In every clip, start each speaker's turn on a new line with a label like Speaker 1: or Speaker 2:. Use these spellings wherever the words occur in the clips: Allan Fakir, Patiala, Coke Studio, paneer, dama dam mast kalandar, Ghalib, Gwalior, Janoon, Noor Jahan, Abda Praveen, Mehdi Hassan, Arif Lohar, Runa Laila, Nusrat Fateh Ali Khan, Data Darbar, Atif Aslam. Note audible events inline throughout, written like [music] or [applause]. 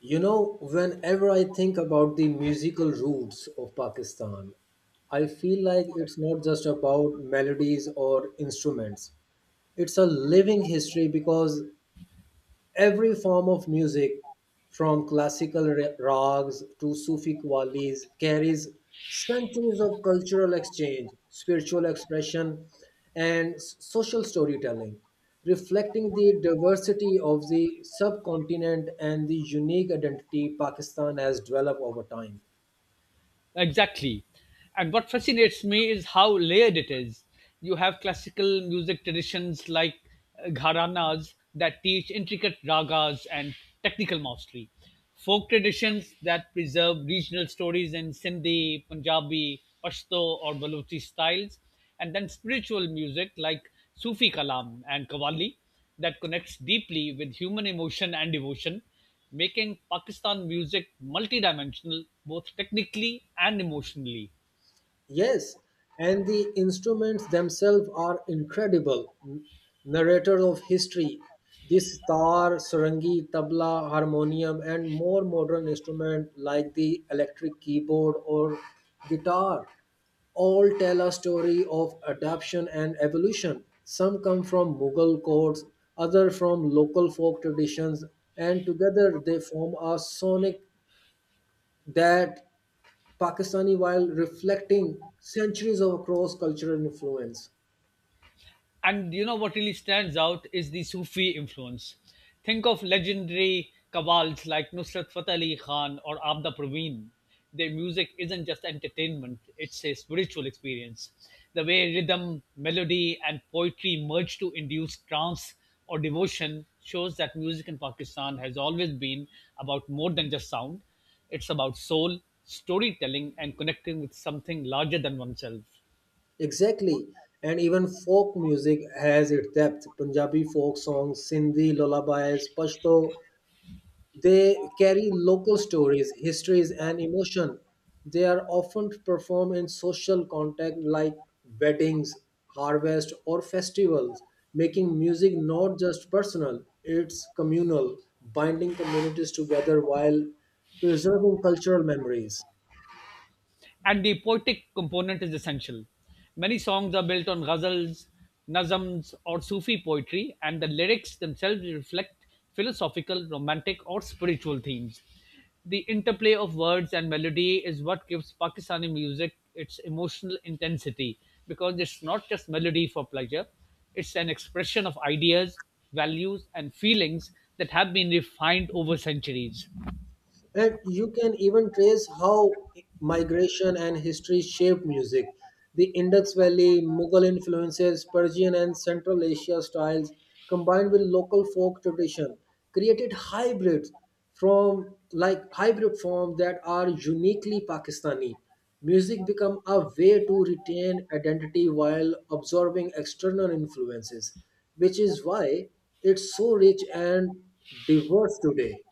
Speaker 1: Whenever I think about the musical roots of Pakistan, I feel like it's not just about melodies or instruments. It's a living history because every form of music, from classical rags to Sufi qawwalis, carries centuries of cultural exchange, spiritual expression, and social storytelling, reflecting the diversity of the subcontinent and the unique identity Pakistan has developed over time.
Speaker 2: Exactly. And what fascinates me is how layered it is. You have classical music traditions like gharanas that teach intricate ragas and technical mastery, folk traditions that preserve regional stories in Sindhi, Punjabi, Pashto, or Baluchi styles, and then spiritual music like Sufi Kalam and Qawwali that connects deeply with human emotion and devotion making Pakistan music multidimensional, both technically and emotionally.
Speaker 1: Yes, and the instruments themselves are incredible. Narrator of history, this tar, sarangi, tabla, harmonium, and more modern instruments like the electric keyboard or guitar all tell a story of adaptation and evolution. Some come from Mughal courts, other from local folk traditions, and together they form a sonic that Pakistani while reflecting centuries of cross cultural influence.
Speaker 2: And you know what really stands out is the Sufi influence. Think of legendary kabbals like Nusrat Fateh Ali Khan or Abda Praveen. Their music isn't just entertainment, it's a spiritual experience. The way rhythm, melody, and poetry merge to induce trance or devotion shows that music in Pakistan has always been about more than just sound. It's about soul, storytelling, and connecting with something larger than oneself.
Speaker 1: Exactly. And even folk music has its depth. Punjabi folk songs, Sindhi lullabies, Pashto. They carry local stories, histories, and emotion. They are often performed in social context like weddings, harvest, or festivals, making music not just personal, it's communal, binding communities together while preserving cultural memories.
Speaker 2: And the poetic component is essential. Many songs are built on ghazals, nazms, or Sufi poetry, and the lyrics themselves reflect philosophical, romantic, or spiritual themes. The interplay of words and melody is what gives Pakistani music its emotional intensity because it's not just melody for pleasure, it's an expression of ideas, values, and feelings that have been refined over centuries.
Speaker 1: And you can even trace how migration and history shaped music. The Indus Valley, Mughal influences, Persian and Central Asia styles, combined with local folk tradition, created hybrids from like hybrid forms that are uniquely Pakistani. Music become a way to retain identity while absorbing external influences, which is why it's so rich and diverse today.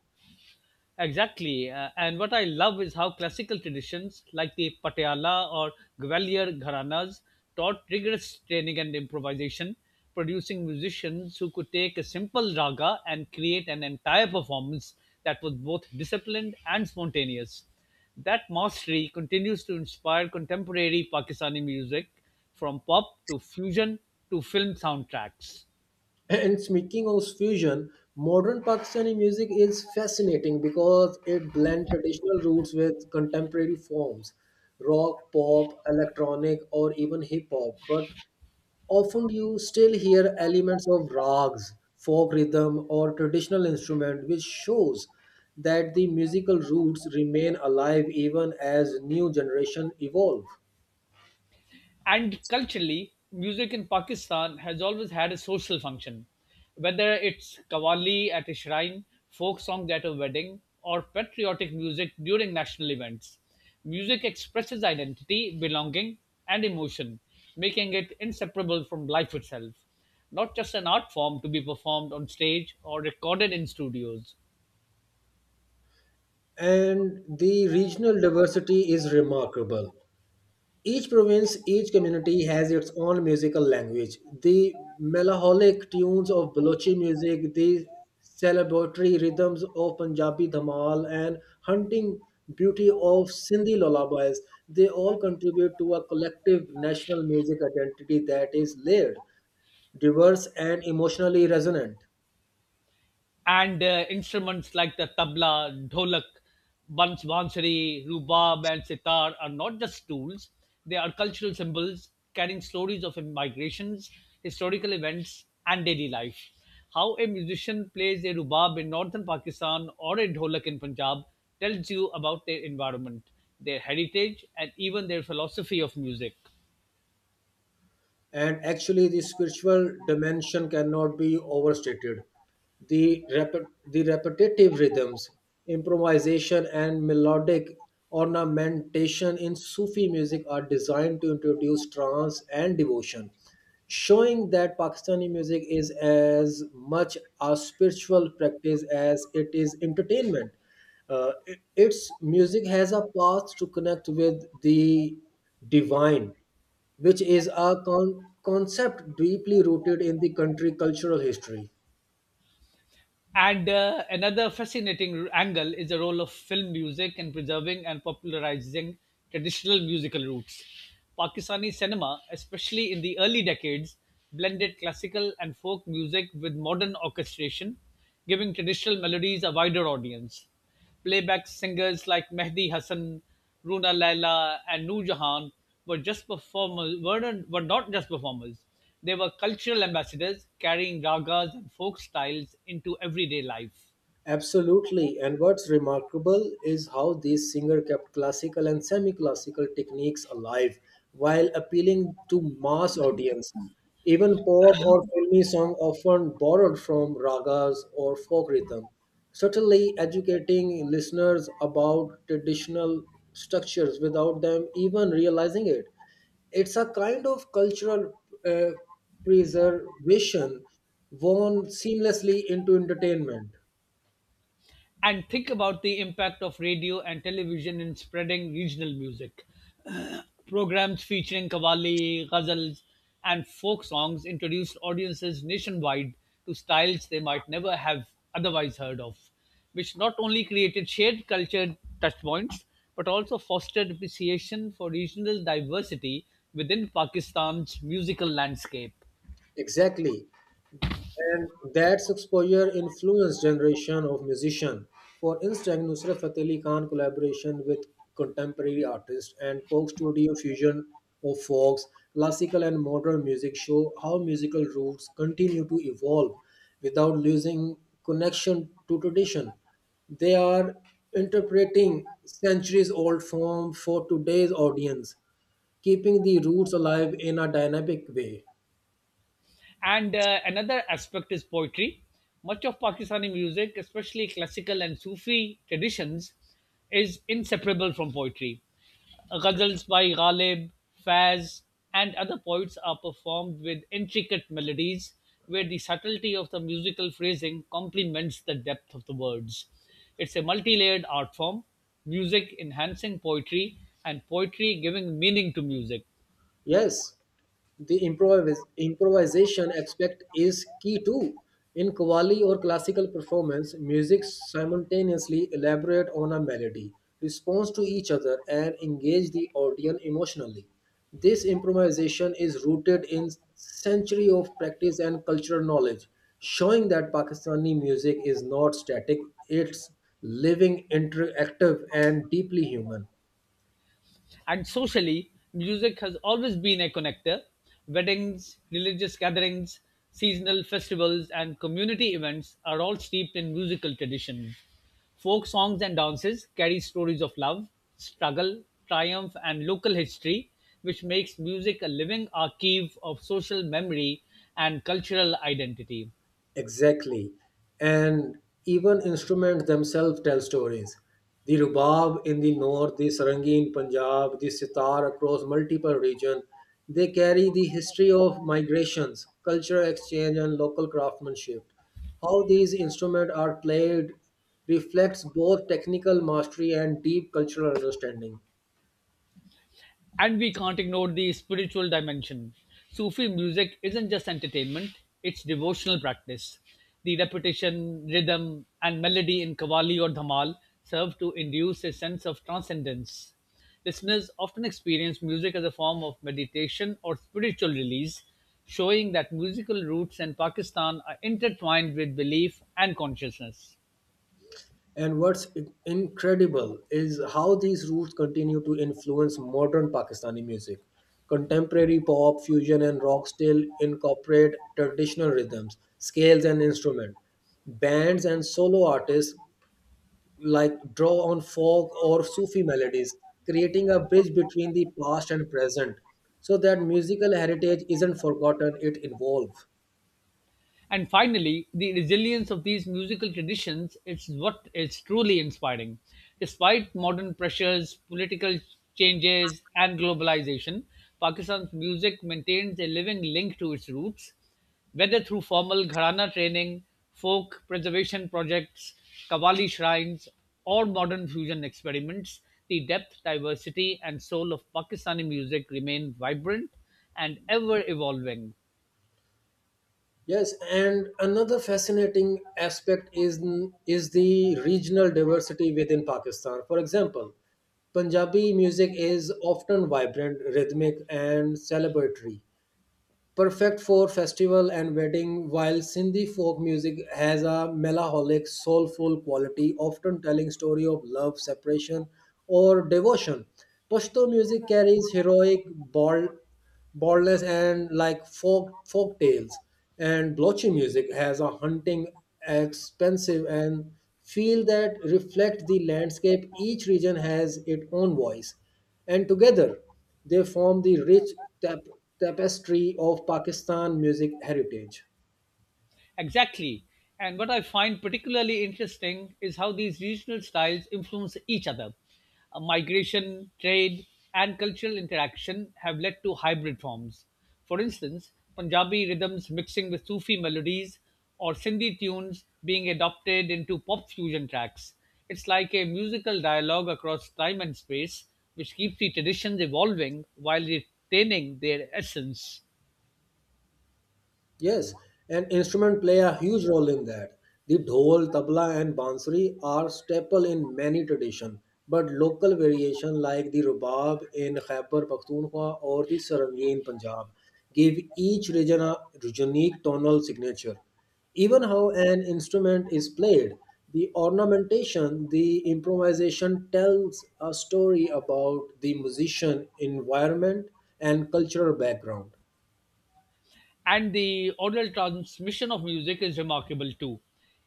Speaker 2: Exactly. And what I love is how classical traditions like the Patiala or Gwalior Gharanas taught rigorous training and improvisation, producing musicians who could take a simple raga and create an entire performance that was both disciplined and spontaneous. That mastery continues to inspire contemporary Pakistani music from pop to fusion to film soundtracks.
Speaker 1: And speaking of fusion, modern Pakistani music is fascinating because it blends traditional roots with contemporary forms, rock, pop, electronic, or even hip hop. But often you still hear elements of rags, folk rhythm, or traditional instrument, which shows that the musical roots remain alive even as new generation evolve.
Speaker 2: And culturally, music in Pakistan has always had a social function. Whether it's qawwali at a shrine, folk songs at a wedding, or patriotic music during national events, music expresses identity, belonging, and emotion, making it inseparable from life itself, not just an art form to be performed on stage or recorded in studios.
Speaker 1: And the regional diversity is remarkable. Each province, each community has its own musical language. The melancholic tunes of Balochi music, the celebratory rhythms of Punjabi Dhamal, and hunting beauty of Sindhi lullabies, they all contribute to a collective national music identity that is layered, diverse, and emotionally resonant.
Speaker 2: And instruments like the tabla, dholak, bansuri, rubab, and sitar are not just tools; they are cultural symbols carrying stories of migrations, historical events, and daily life. How a musician plays a rubab in northern Pakistan or a dholak in Punjab tells you about their environment, their heritage, and even their philosophy of music.
Speaker 1: And actually the spiritual dimension cannot be overstated. The repetitive rhythms, improvisation, and melodic ornamentation in Sufi music are designed to introduce trance and devotion, showing that Pakistani music is as much a spiritual practice as it is entertainment. Its music has a path to connect with the divine, which is a concept deeply rooted in the country cultural history.
Speaker 2: And another fascinating angle is the role of film music in preserving and popularizing traditional musical roots. Pakistani cinema, especially in the early decades, blended classical and folk music with modern orchestration, giving traditional melodies a wider audience. Playback singers like Mehdi Hassan, Runa Laila, and Noor Jahan were not just performers. They were cultural ambassadors carrying ragas and folk styles into everyday life.
Speaker 1: Absolutely. And what's remarkable is how this singer kept classical and semi-classical techniques alive while appealing to mass audience. Even pop or filmy song often borrowed from ragas or folk rhythm, subtly educating listeners about traditional structures without them even realizing it. It's a kind of cultural uh, preservation woven seamlessly into entertainment.
Speaker 2: And think about the impact of radio and television in spreading regional music. Programs featuring qawwali, ghazals, and folk songs introduced audiences nationwide to styles they might never have otherwise heard of, which not only created shared culture touchpoints but also fostered appreciation for regional diversity within Pakistan's musical landscape.
Speaker 1: Exactly. And that's exposure influenced generation of musician. For instance, Nusrat Fateh Ali Khan collaboration with contemporary artists and Coke Studio fusion of folks, classical and modern music show how musical roots continue to evolve without losing connection to tradition. They are interpreting centuries old form for today's audience, keeping the roots alive in a dynamic way.
Speaker 2: And another aspect is poetry. Much of Pakistani music, especially classical and Sufi traditions, is inseparable from poetry. Ghazals by Ghalib, Faz, and other poets are performed with intricate melodies where the subtlety of the musical phrasing complements the depth of the words. It's a multi layered art form, music enhancing poetry, and poetry giving meaning to music.
Speaker 1: Yes, the improvisation aspect is key too. In qawwali or classical performance, music simultaneously elaborate on a melody, responds to each other, and engage the audience emotionally. This improvisation is rooted in century of practice and cultural knowledge, showing that Pakistani music is not static; it's living, interactive, and deeply human.
Speaker 2: And socially, music has always been a connector. Weddings, religious gatherings, seasonal festivals, and community events are all steeped in musical tradition. Folk songs and dances carry stories of love, struggle, triumph, and local history, which makes music a living archive of social memory and cultural identity.
Speaker 1: Exactly. And even instruments themselves tell stories. The rubab in the north, the sarangi in Punjab, the sitar across multiple regions, they carry the history of migrations, cultural exchange, and local craftsmanship. How these instruments are played reflects both technical mastery and deep cultural understanding.
Speaker 2: And we can't ignore the spiritual dimension. Sufi music isn't just entertainment, it's devotional practice. The repetition, rhythm, and melody in Qawwali or Dhamal serve to induce a sense of transcendence. Listeners often experience music as a form of meditation or spiritual release, showing that musical roots in Pakistan are intertwined with belief and consciousness.
Speaker 1: And what's incredible is how these roots continue to influence modern Pakistani music. Contemporary pop, fusion, and rock still incorporate traditional rhythms, scales, and instruments. Bands and solo artists like draw on folk or Sufi melodies, creating a bridge between the past and present, so that musical heritage isn't forgotten; it evolves.
Speaker 2: And finally, the resilience of these musical traditions is what is truly inspiring. Despite modern pressures, political changes, and globalization, Pakistan's music maintains a living link to its roots, whether through formal gharana training, folk preservation projects, Qawwali shrines, or modern fusion experiments, the depth, diversity, and soul of Pakistani music remain vibrant and ever evolving,
Speaker 1: Yes, and another fascinating aspect is the regional diversity within Pakistan. For example, Punjabi music is often vibrant, rhythmic, and celebratory, perfect for festival and wedding, while Sindhi folk music has a melancholic soulful quality, often telling story of love, separation, or devotion. Pashto music carries heroic, bold, boldness, and folk tales, and Blochi music has a hunting expensive and feel that reflect the landscape. Each region has its own voice, and together they form the rich tap- tapestry of Pakistan music heritage.
Speaker 2: Exactly. And what I find particularly interesting is how these regional styles influence each other. Migration, trade, and cultural interaction have led to hybrid forms. For instance, Punjabi rhythms mixing with Sufi melodies or Sindhi tunes being adopted into pop fusion tracks. It's like a musical dialogue across time and space, which keeps the traditions evolving while retaining their essence.
Speaker 1: Yes, and instrument play a huge role in that. The dhol, tabla, and bansuri are staple in many tradition, but local variation like the rubab in Khyber Pakhtunkhwa or the sarangi in Punjab give each region a unique tonal signature. Even how an instrument is played, the ornamentation, the improvisation tells a story about the musician environment and cultural background.
Speaker 2: And the oral transmission of music is remarkable too.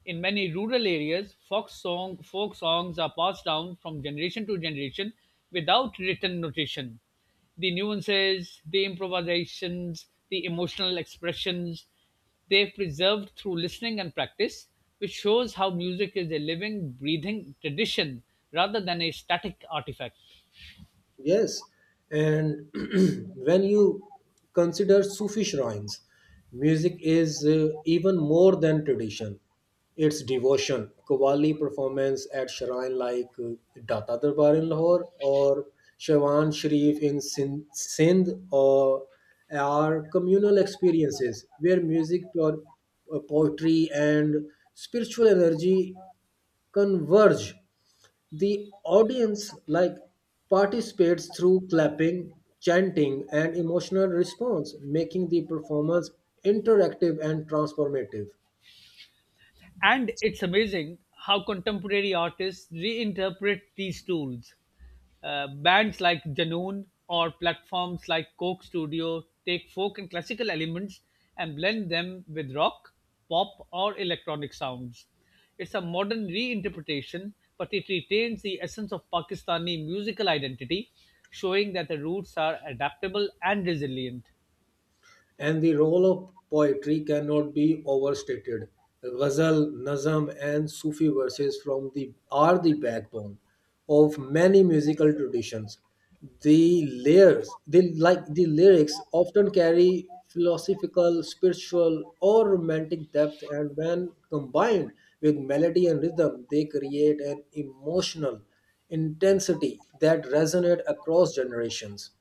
Speaker 2: In many rural areas, folk songs are passed down from generation to generation without written notation. The nuances, the improvisations, the emotional expressions, they've preserved through listening and practice, which shows how music is a living, breathing tradition rather than a static artifact.
Speaker 1: Yes, and [clears throat] when you consider Sufi shrines, music is even more than tradition. It's devotion. Qawwali performance at shrine like Data Darbar in Lahore or Shawan Sharif in Sindh or are communal experiences where music, or poetry, and spiritual energy converge. The audience like participates through clapping, chanting, and emotional response, making the performance interactive and transformative.
Speaker 2: And it's amazing how contemporary artists reinterpret these tools. Bands like Janoon or platforms like Coke Studio take folk and classical elements and blend them with rock, pop, or electronic sounds. It's a modern reinterpretation, but it retains the essence of Pakistani musical identity, showing that the roots are adaptable and resilient.
Speaker 1: And the role of poetry cannot be overstated. Ghazal, Nazm, and Sufi verses from the are the backbone of many musical traditions. The layers, they like the lyrics, often carry philosophical, spiritual, or romantic depth, and when combined with melody and rhythm, they create an emotional intensity that resonates across generations.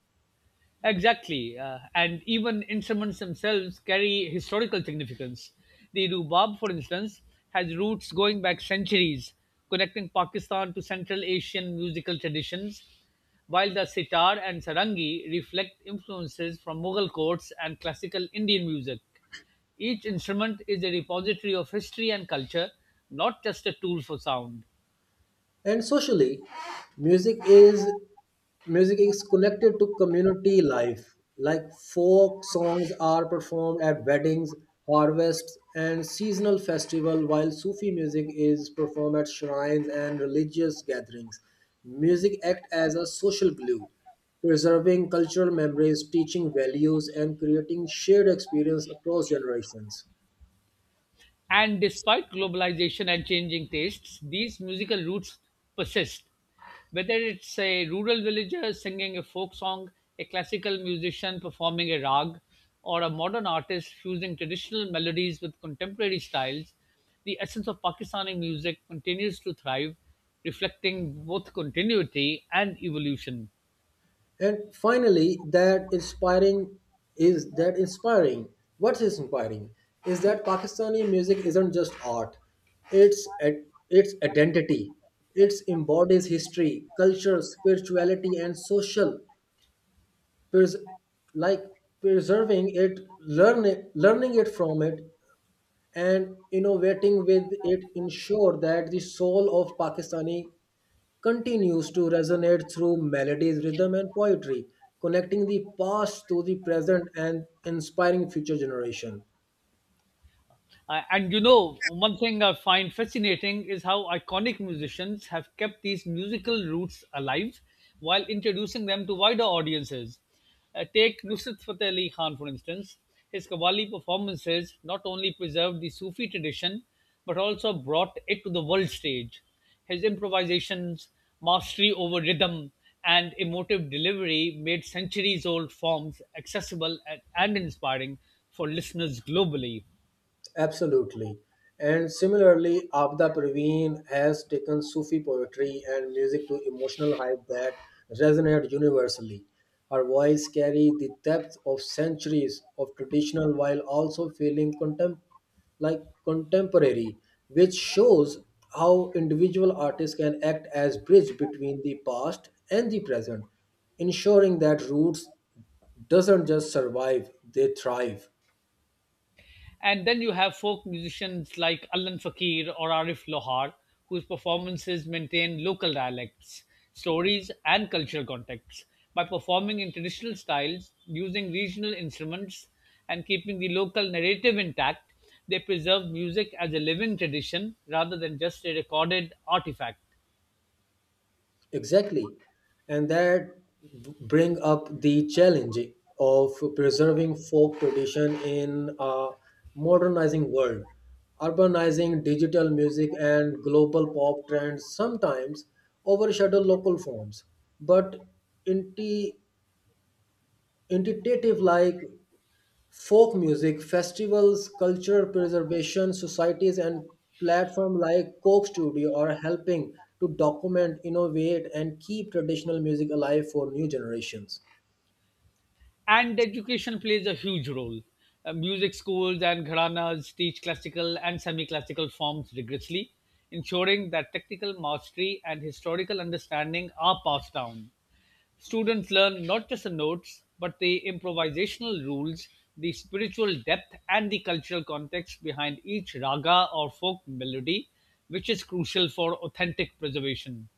Speaker 2: Exactly. And even instruments themselves carry historical significance. The rubab, for instance, has roots going back centuries, connecting Pakistan to Central Asian musical traditions, while the sitar and sarangi reflect influences from Mughal courts and classical Indian music. Each instrument is a repository of history and culture, not just a tool for sound.
Speaker 1: And socially, music is music is connected to community life. Like folk songs are performed at weddings, harvests, and seasonal festival, while Sufi music is performed at shrines and religious gatherings. Music act as a social glue, preserving cultural memories, teaching values, and creating shared experience across generations.
Speaker 2: And despite globalization and changing tastes, these musical roots persist. Whether it's a rural villager singing a folk song, a classical musician performing a rag, or a modern artist fusing traditional melodies with contemporary styles, the essence of Pakistani music continues to thrive, reflecting both continuity and evolution.
Speaker 1: And finally, that inspiring is that inspiring. what is inspiring is that Pakistani music isn't just art; it's its identity. It embodies history, culture, spirituality, and social. Pres- like Preserving it, learning it from it, and innovating with it ensure that the soul of Pakistani continues to resonate through melodies, rhythm, and poetry, connecting the past to the present and inspiring future generation.
Speaker 2: And you know, one thing I find fascinating is how iconic musicians have kept these musical roots alive while introducing them to wider audiences. Take Nusrat Fateh Ali Khan, for instance. His Qawwali performances not only preserved the Sufi tradition but also brought it to the world stage. His improvisations, mastery over rhythm, and emotive delivery made centuries old forms accessible and inspiring for listeners globally.
Speaker 1: Absolutely. And similarly, Abda Praveen has taken Sufi poetry and music to emotional height that resonate universally. Her voice carries the depth of centuries of traditional while also feeling contemporary, which shows how individual artists can act as bridge between the past and the present, ensuring that roots doesn't just survive, they thrive.
Speaker 2: And then you have folk musicians like Allan Fakir or Arif Lohar, whose performances maintain local dialects, stories, and cultural contexts by performing in traditional styles, using regional instruments, and keeping the local narrative intact. They preserve music as a living tradition rather than just a recorded artifact.
Speaker 1: Exactly. And that bring up the challenge of preserving folk tradition in a modernizing world. Urbanizing digital music and global pop trends sometimes overshadow local forms, but inti- intuitive folk music festivals, cultural preservation societies, and platforms like Coke Studio are helping to document, innovate, and keep traditional music alive for new generations.
Speaker 2: And education plays a huge role. Music schools and gharanas teach classical and semi classical forms rigorously, ensuring that technical mastery and historical understanding are passed down. Students learn not just the notes, but the improvisational rules, the spiritual depth, and the cultural context behind each raga or folk melody, which is crucial for authentic preservation.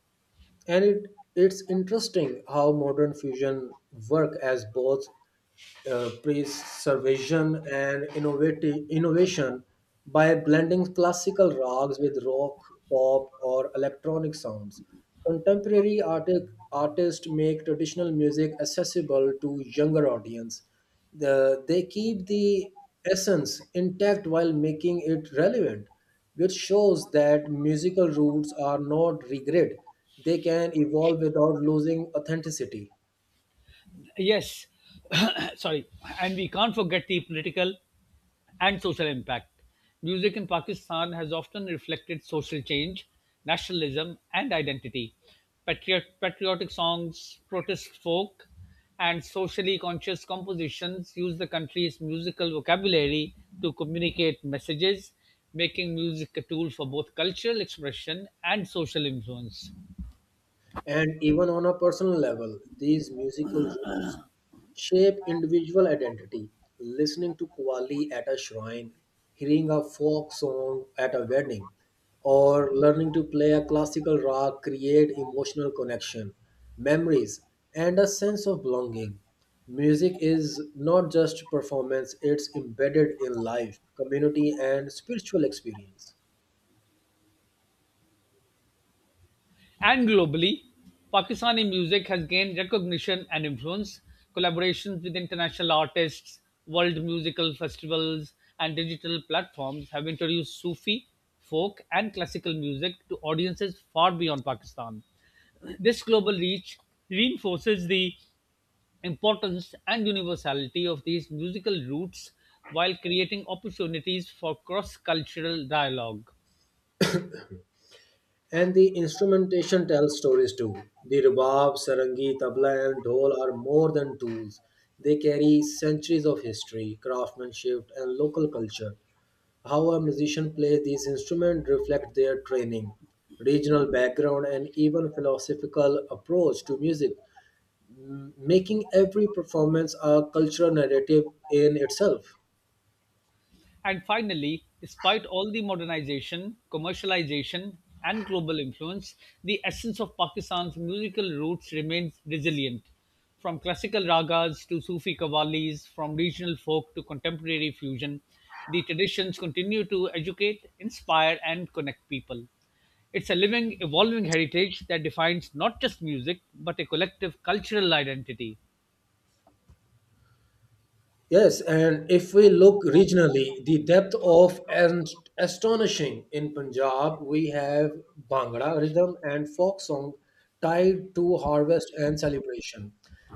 Speaker 1: And it's interesting how modern fusion work as both preservation and innovative innovation by blending classical rags with rock, pop, or electronic sounds. Contemporary artists make traditional music accessible to younger audience. They keep the essence intact while making it relevant, which shows that musical roots are not regret. They can evolve without losing authenticity.
Speaker 2: Yes, [coughs] sorry, and we can't forget the political and social impact. Music in Pakistan has often reflected social change, nationalism, and identity. Patriotic songs, protest folk, and socially conscious compositions use the country's musical vocabulary to communicate messages, making music a tool for both cultural expression and social influence.
Speaker 1: And even on a personal level, these musical roots shape individual identity. Listening to Qawwali at a shrine, hearing a folk song at a wedding, or learning to play a classical rag create emotional connection, memories, and a sense of belonging. Music is not just performance, it's embedded in life, community, and spiritual experience.
Speaker 2: And globally, Pakistani music has gained recognition and influence. Collaborations with international artists, world musical festivals, and digital platforms have introduced Sufi, folk, and classical music to audiences far beyond Pakistan. This global reach reinforces the importance and universality of these musical roots while creating opportunities for cross cultural dialogue.
Speaker 1: And the instrumentation tells stories too. The rubab, sarangi, tabla, and dhol are more than tools. They carry centuries of history, craftsmanship, and local culture. How a musician plays these instruments reflects their training, regional background, and even philosophical approach to music, making every performance a cultural narrative in itself.
Speaker 2: And finally, despite all the modernization, commercialization, and global influence, the essence of Pakistan's musical roots remains resilient. From classical ragas to Sufi qawwalis, from regional folk to contemporary fusion, the traditions continue to educate, inspire, and connect people. It's a living, evolving heritage that defines not just music, but a collective cultural identity.
Speaker 1: Yes, and if we look regionally, the depth of and astonishing in Punjab, we have Bhangra rhythm and folk song tied to harvest and celebration.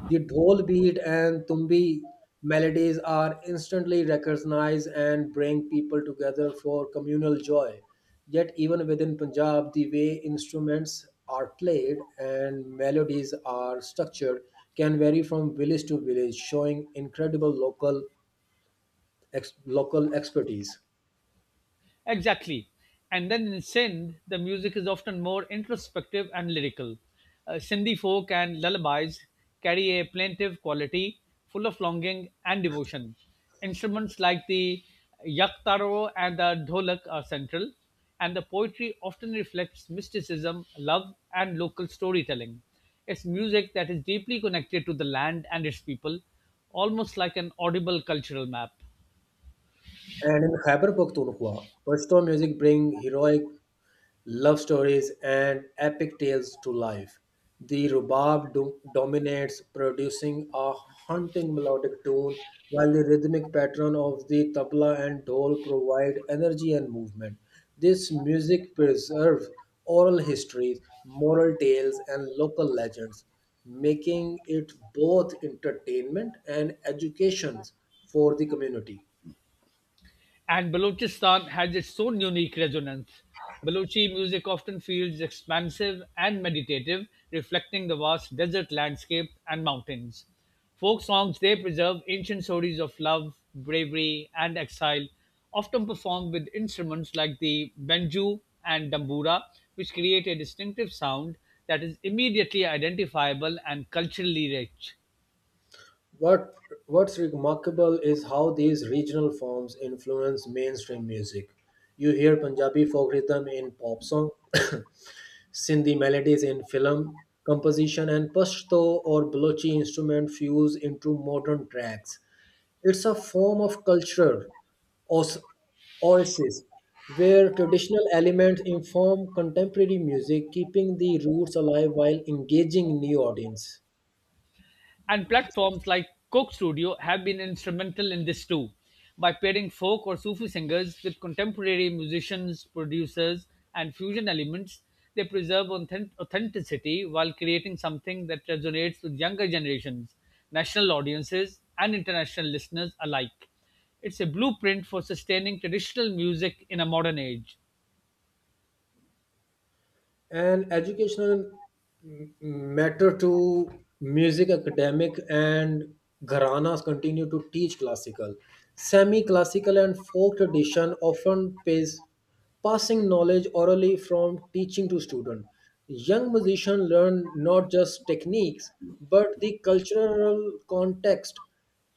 Speaker 1: The dhol beat and tumbi melodies are instantly recognized and bring people together for communal joy. Yet, even within Punjab, the way instruments are played and melodies are structured can vary from village to village, showing incredible local expertise.
Speaker 2: Exactly. And then in Sindh, the music is often more introspective and lyrical. Sindhi folk and lullabies carry a plaintive quality, full of longing and devotion. Instruments like the yaktaro and the dholak are central, and the poetry often reflects mysticism, love, and local storytelling. It's music that is deeply connected to the land and its people, almost like an audible cultural map.
Speaker 1: And in Khyber Pakhtunkhwa, Pashto music bring heroic love stories, and epic tales to life. The rhubarb dominates, producing a haunting melodic tune, while the rhythmic pattern of the tabla and dhol provide energy and movement. This music preserves oral histories, moral tales, and local legends, making it both entertainment and education for the community.
Speaker 2: And Balochistan has its own unique resonance. Balochi music often feels expansive and meditative, reflecting the vast desert landscape and mountains. Folk songs they preserve ancient stories of love, bravery, and exile, often performed with instruments like the banjo and dambura, which create a distinctive sound that is immediately identifiable and culturally rich.
Speaker 1: What what's remarkable is how these regional forms influence mainstream music. You hear Punjabi folk rhythm in pop song, [coughs] Sindhi melodies in film composition, and Pashto or Balochi instrument fuse into modern tracks. It's a form of cultural os- oasis where traditional elements inform contemporary music, keeping the roots alive while engaging new audience.
Speaker 2: And platforms like Coke Studio have been instrumental in this too, by pairing folk or Sufi singers with contemporary musicians, producers, and fusion elements. They preserve authenticity while creating something that resonates with younger generations, national audiences, and international listeners alike. It's a blueprint for sustaining traditional music in a modern age.
Speaker 1: And educational matter to music academic and gharanas continue to teach classical, semi-classical, and folk tradition, often pays passing knowledge orally from teaching to student. Young musicians learn not just techniques but the cultural context,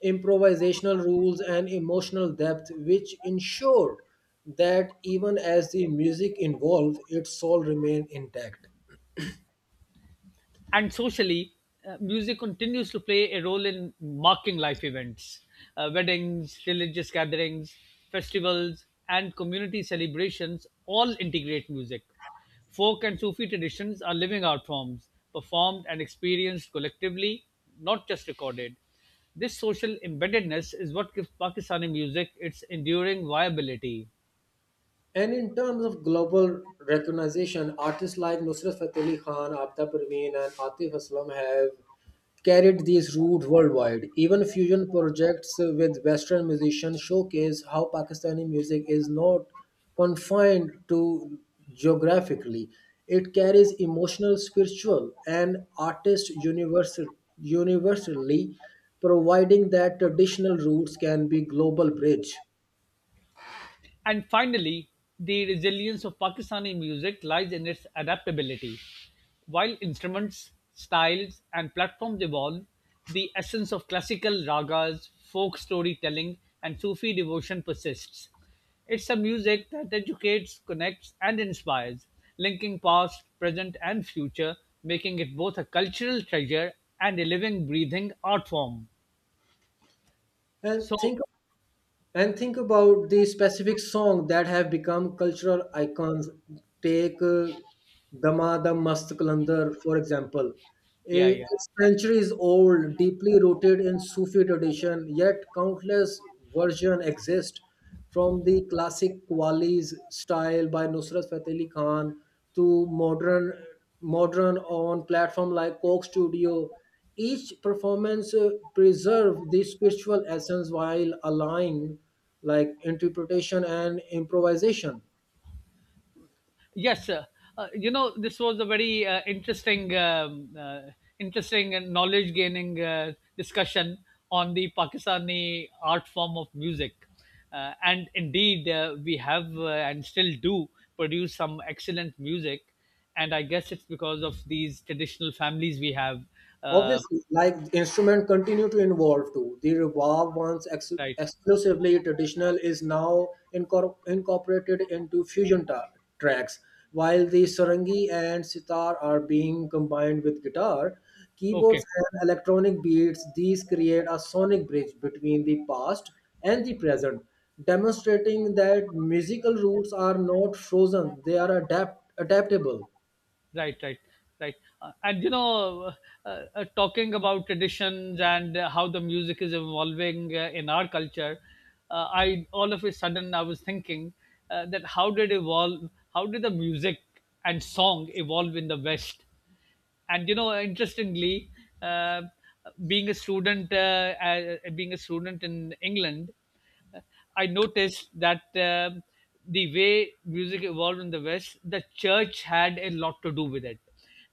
Speaker 1: improvisational rules, and emotional depth, which ensure that even as the music evolved, its soul remained intact.
Speaker 2: And socially, music continues to play a role in marking life events, weddings, religious gatherings, festivals, and community celebrations all integrate music. Folk and Sufi traditions are living art forms, performed and experienced collectively, not just recorded. This social embeddedness is what gives Pakistani music its enduring viability.
Speaker 1: And in terms of global recognition, artists like Nusrat Fateh Ali Khan, Aapta Parveen, and Atif Aslam have carried these roots worldwide. Even fusion projects with Western musicians showcase how Pakistani music is not confined to geographically. It carries emotional, spiritual, and artist universally, providing that traditional roots can be global bridge.
Speaker 2: And finally, the resilience of Pakistani music lies in its adaptability. While instruments, styles, and platforms evolve, the essence of classical ragas, folk storytelling, and Sufi devotion persists. It's a music that educates, connects, and inspires, linking past, present, and future, making it both a cultural treasure and a living, breathing art form.
Speaker 1: And
Speaker 2: So,
Speaker 1: think and think about the specific song that have become cultural icons. Take dama dam mast kalandar, for example.
Speaker 2: yeah, yeah.
Speaker 1: It's centuries old, deeply rooted in Sufi tradition, yet countless versions exist, from the classic Qawwali's style by Nusrat Fateh Ali Khan to modern on platform like Coke Studio. Each performance preserve the spiritual essence while allowing like interpretation and improvisation.
Speaker 2: Yes, sir. You know, this was a very interesting and knowledge-gaining discussion on the Pakistani art form of music, and indeed, we have and still do produce some excellent music, and I guess it's because of these traditional families we have. Uh,
Speaker 1: Obviously, like instrument continue to evolve too. The reverb, once
Speaker 2: right.
Speaker 1: exclusively traditional, is now incorporated into fusion tracks. While the sarangi and sitar are being combined with guitar, keyboards,
Speaker 2: Okay.
Speaker 1: and electronic beats, these create a sonic bridge between the past and the present, demonstrating that musical roots are not frozen; they are adaptable.
Speaker 2: Right, right, right. And you know, talking about traditions and how the music is evolving in our culture, I all of a sudden I was thinking that how did evolve? How did the music and song evolve in the West? And you know interestingly uh, being a student in England I noticed that the way music evolved in the West, the church had a lot to do with it.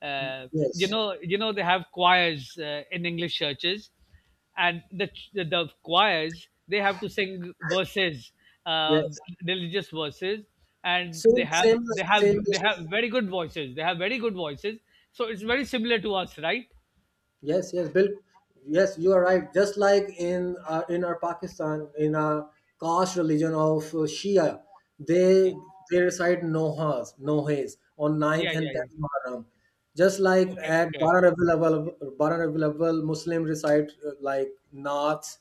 Speaker 2: You
Speaker 1: Yes,
Speaker 2: know, they have choirs in English churches, and the choirs they have to sing verses, uh,
Speaker 1: yes.
Speaker 2: religious verses, and they
Speaker 1: Same, same, same.
Speaker 2: have very good voices. They have very good voices, so it's very similar to us, right?
Speaker 1: Yes, yes, Bill. Yes, you are right. Just like in our Pakistan, in our caste religion of Shia, they
Speaker 2: Yeah,
Speaker 1: they recite nohas, nohes on
Speaker 2: yeah,
Speaker 1: ninth and
Speaker 2: yeah, yeah.
Speaker 1: tenth Muharram. Just like
Speaker 2: Okay,
Speaker 1: at
Speaker 2: okay.
Speaker 1: Bara Rabiul Awwal, Muslim recite naats.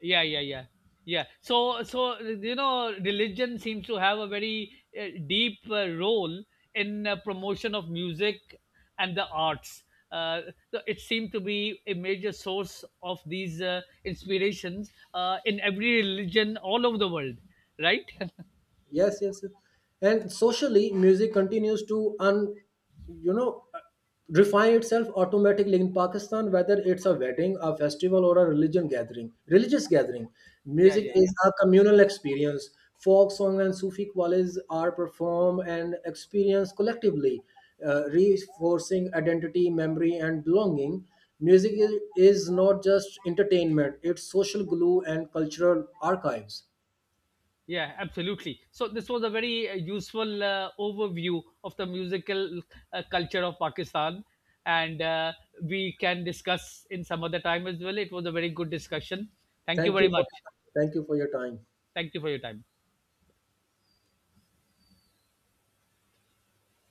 Speaker 2: Yeah, yeah, yeah, yeah. So, you know religion seems to have a very deep role in promotion of music and the arts, uh, so it seemed to be a major source of these inspirations in every religion all over the world, right. [laughs]
Speaker 1: Yes, yes, yes. And socially, music continues to un you know refine itself automatically in Pakistan, whether it's a wedding, a festival, or a religion gathering religious gathering.
Speaker 2: Yeah,
Speaker 1: Music
Speaker 2: yeah, yeah.
Speaker 1: is a communal experience. Folk song and Sufi qawlis are performed and experienced collectively, reinforcing identity, memory, and belonging. Music is not just entertainment, it's social glue and cultural archives.
Speaker 2: Yeah, absolutely. So this was a very useful overview of the musical culture of Pakistan, and we can discuss in some other time as well. It was a very good discussion. Thank you
Speaker 1: Thank you
Speaker 2: very
Speaker 1: for
Speaker 2: much.
Speaker 1: Thank you for your time.
Speaker 2: Thank you for your time.